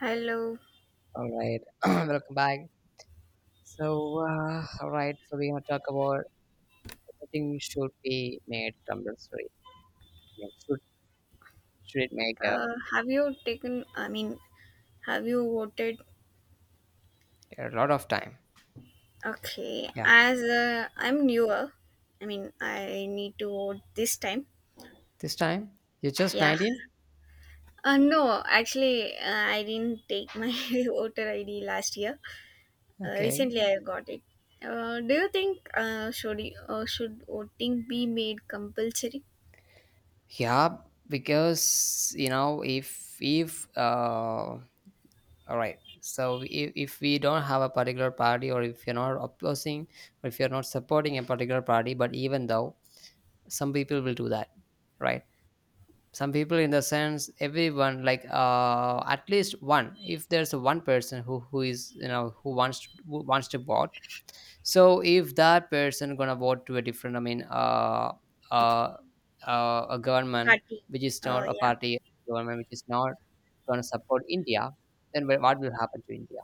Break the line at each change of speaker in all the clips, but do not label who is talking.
Hello.
All right, welcome back. So, all right, so we're gonna talk about voting should be made compulsory. I mean, should it make a,
Have you taken, I mean, have you voted?
a lot of time?
Okay.
Yeah,
As I'm newer, I mean, I need to vote this time.
this time you're just
Yeah.
19.
No, actually, I didn't take my voter ID last year.
Okay,
Recently, I got it. Do you think should, you, should voting be made compulsory?
yeah, because if all right. So, if we don't have a particular party or if you're not opposing or if you're not supporting a particular party, but even though some people will do that, right? Some people, in the sense everyone, like at least one, if there's one person who is, who wants to vote. So if that person gonna vote to a different, I mean, uh, a government
Party.
which is not a
Yeah.
party, government which is not gonna support India, then what will happen to India?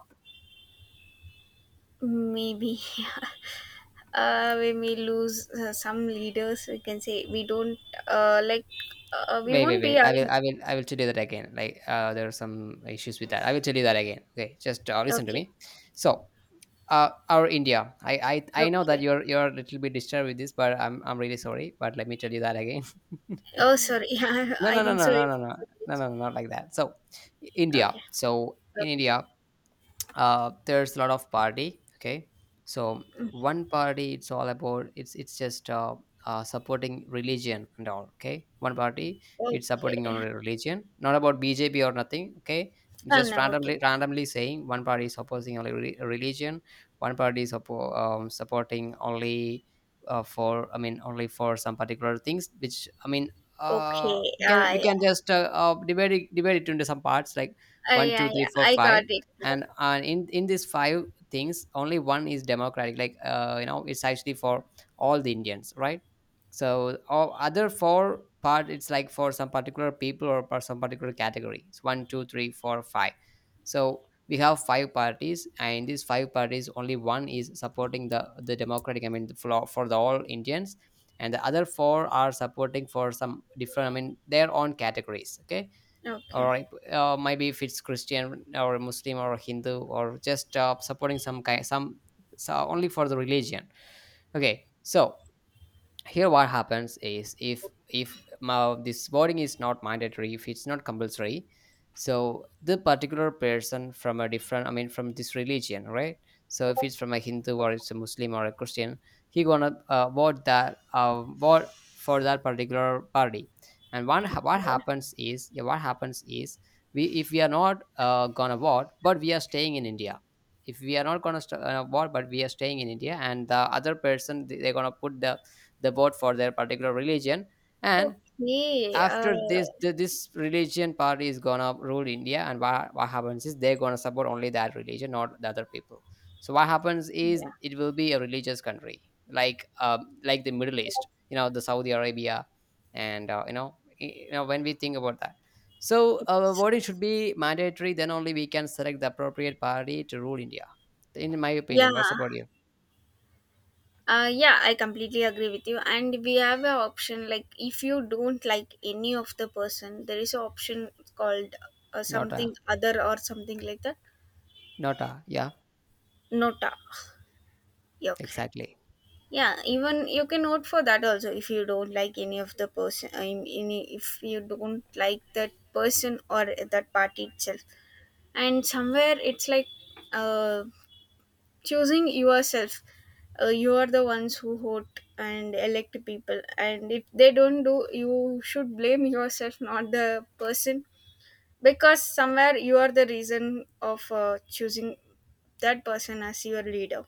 Maybe we may lose some leaders. We can say we don't like, we
Wait, wait,
won't be
wait, i will
having.
i will i will tell you that again, like, there are some issues with that. I will tell you that again. Okay, just listen to
Okay,
me. So, our India. I know that
okay.
you're a little bit disturbed with this, but I'm really sorry. But let me tell you that again.
Oh, sorry. Yeah,
No,
I
no, no,
think
no,
so.
no, no, no, no, no, no, not like that. So, India.
Okay.
So, in India, there's a lot of party. Okay, so
Okay.
one party, it's all about, it's just supporting religion and all. Okay, one party, it's supporting
Okay.
only religion, not about BJP or nothing. Okay,
Oh,
just
no. Okay.
randomly saying one party is opposing only religion. One party is supporting only, for, I mean, only for some particular things, which, I mean,
Okay.
we can
Ah,
we can
yeah.
just divide it into some parts, like
Ah,
one two
yeah.
three
Yeah.
four
I
five
got it.
And in these five things, only one is democratic, like, it's actually for all the Indians, right? So all other four part, it's like for some particular people or for some particular category. It's 1, 2, 3, 4, 5. So we have five parties, and in these five parties, only one is supporting the democratic, I mean, the, for the all Indians, and the other four are supporting for some different, I mean, their own categories. Okay,
Okay.
or maybe if it's Christian or Muslim or Hindu or just supporting some kind, some. So only for the religion. Okay, so here what happens is, if my, this voting is not mandatory, if it's not compulsory. So the particular person from a different, I mean, from this religion, right? So if it's from a Hindu, or it's a Muslim, or a Christian, he gonna vote for that particular party. And what happens is, yeah, what happens is, we if we are not gonna vote but we are staying in India. If we are not gonna vote but we are staying in India, and the other person they're gonna put the, they vote for their particular religion. And
Okay.
after this, this religion party is gonna rule India, and what happens is they're gonna support only that religion, not the other people. So what happens is
Yeah.
it will be a religious country, like the Middle East, the Saudi Arabia. And when we think about that. So
Yes.
voting should be mandatory, then only we can select the appropriate party to rule India, in my
Yeah.
opinion. What's about you?
Yeah, I completely agree with you. And we have an option like if you don't like any of the person, there is an option called
Not a,
something other or something like that.
not a, yeah,
Nota. Yeah, okay.
exactly.
Yeah, even you can note for that also if you don't like any of the person. I mean, if you don't like that person or that party itself, and somewhere it's like uh choosing yourself. You are the ones who vote and elect people, and if they don't do, you should blame yourself, not the person, because somewhere you are the reason of choosing that person as your leader.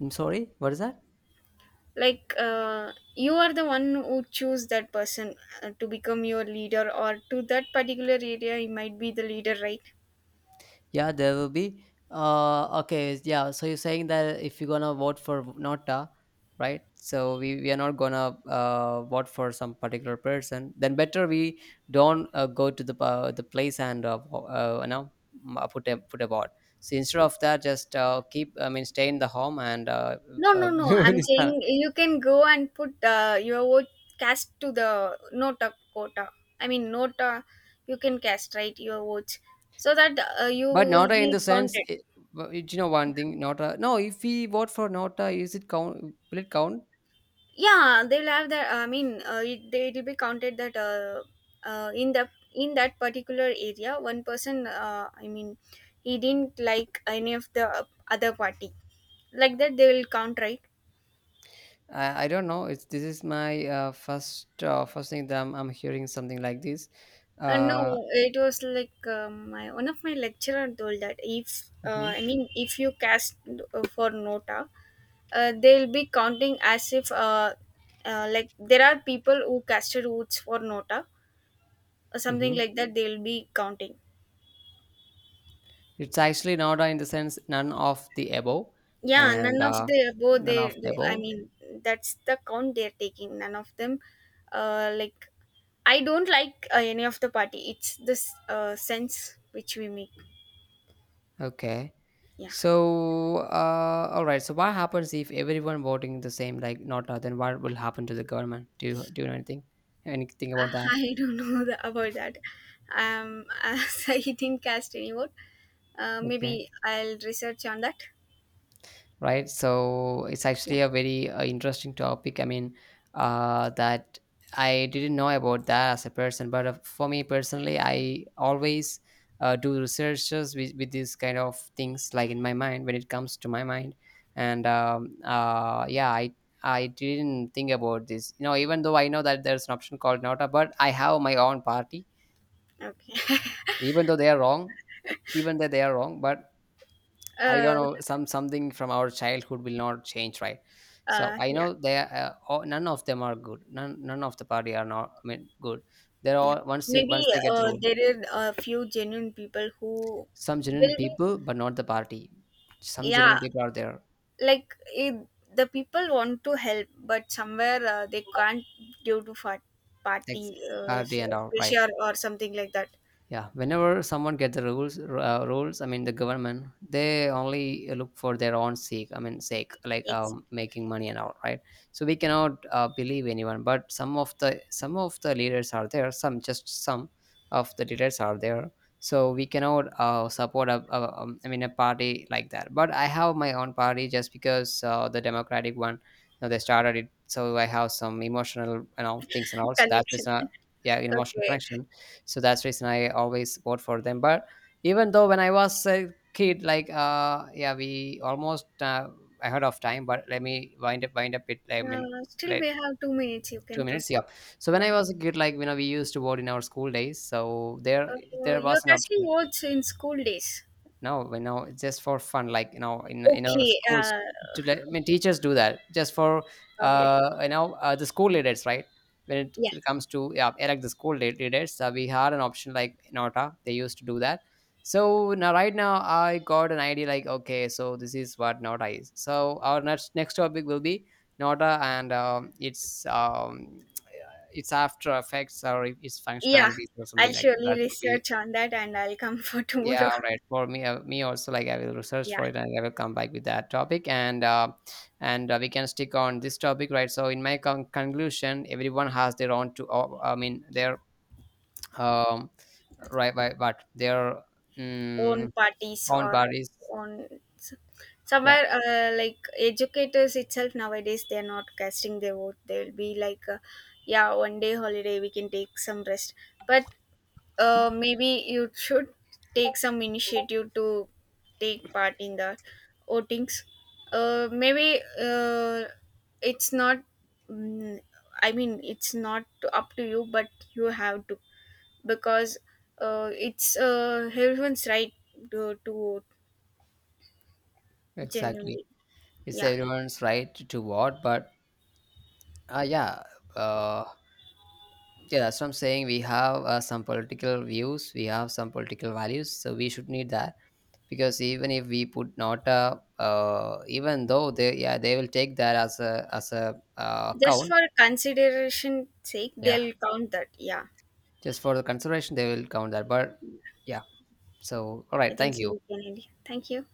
I'm sorry, what is that?
You are the one who choose that person to become your leader, or to that particular area he might be the leader, right?
Yeah, there will be. Okay, yeah. So you're saying that if you're gonna vote for Nota, right? So we are not gonna vote for some particular person. Then better we don't go to the place and put a vote. So instead of that, just keep, I mean, stay in the home and.
No,
Uh,
no, no. I'm saying you can go and put your vote, cast to the nota quota. I mean, nota, you can cast, right? Your votes, so that you
but
will
Nota, in
be
the sense,
counted.
you know one thing, Nota. No, if we vote for Nota, is it count? Will it count?
Yeah, they'll have that. I mean, it'll be counted that in the in that particular area, one person. I mean, he didn't like any of the other party. Like that, they will count, right?
I don't know. It's This is my first thing that I'm hearing something like this. Uh,
No, it was like my one of my lecturer told that if
mhm.
I mean if you cast for nota, they'll be counting as if like there are people who casted votes for nota or something
Mhm.
like that. They'll be counting.
It's actually not, in the sense, none of the above.
Yeah,
And
none of the above
none
they,
of the
they. I
above.
mean, that's the count they're taking. None of them, uh, like I don't like any of the party. It's this sense which we make.
Okay.
Yeah.
So all right. So what happens if everyone voting the same, like not, then what will happen to the government? Do you know anything about that?
I don't know the, about that. As I didn't cast any vote,
Okay.
maybe I'll research on that.
Right, so it's
Yeah.
actually a very interesting topic, I mean, that I didn't know about that as a person, but for me personally, I always do researches with these kind of things, like, in my mind, when it comes to my mind, and yeah, I didn't think about this, even though I know that there's an option called Nota, but I have my own party.
Okay.
Even though they are wrong, even though they are wrong, but I don't
Uh,
know, something from our childhood will not change, right? So I
yeah.
know, none of them are good. None of the party are not, I mean, good. They're
Yeah.
all,
Maybe
once they get ruled,
there are a few genuine people who
some
will
genuine
be.
people, but not the party. Some genuine
Yeah.
people are there,
Like it, the people want to help, but somewhere they can't due to fat,
like
party,
party and all, right?
pressure or something like that.
Yeah, whenever someone gets the rules, I mean, the government, they only look for their own sake, I mean, sake, like,
Ex-
making money and all, right? So we cannot believe anyone, but some of the leaders are there, some, just some of the leaders are there. So we cannot support a, I mean, a party like that, but I have my own party, just because the democratic one, you know, they started it, so I have some emotional, things, and also that is
Connection.
a, yeah, emotional
Okay.
connection. So that's reason I always vote for them. But even though, when I was a kid, like, yeah, we almost I heard of time, but let me wind up it, I mean,
Still,
like
we have 2 minutes. You
two
can
minutes
proceed.
Yeah, so when I
Yeah.
was a kid, like, we used to vote in our school days, so there there
Your
was an
question
option.
was in school days.
No, just for fun, like, in our
Okay.
schools, to let, I mean, teachers do that just for
Okay.
the school leaders, right? When it
Yeah.
comes to, yeah, elect the school leaders, we had an option like Nota. They used to do that. So now, right now, I got an idea, like, okay, so this is what Nota is. So our next topic will be Nota, and it's after effects or its
Yeah.
functionalities or
I'll
something like that,
surely
that would be.
research on that and I'll come for
Yeah,
tomorrow.
all right. For me, me also, like, I will research
Yeah.
for it and I will come back with that topic, and we can stick on this topic, right? So, in my conclusion, everyone has their own to. I mean, their um right, right, but their
Own
mm
parties
own
or
parties.
on,
Yeah,
somewhere like educators itself nowadays they're not casting their vote. They'll be like, yeah, one day holiday we can take some rest. But maybe you should take some initiative to take part in the votings. Maybe it's not. mm, I mean, it's not to- up to you, but you have to, because it's everyone's right to vote
exactly.
genuinely.
It's
Yeah,
everyone's right to vote, but yeah, uh, yeah. That's what I'm saying. We have some political views, we have some political values, so we should need that. Because even if we put Nota, even though they, yeah, they will take that as a
just
count.
for consideration sake,
Yeah,
they'll count that. Yeah,
just for the consideration they will count that. But yeah, so all
I
right.
think
Thank
so.
you.
We can end here. Thank you.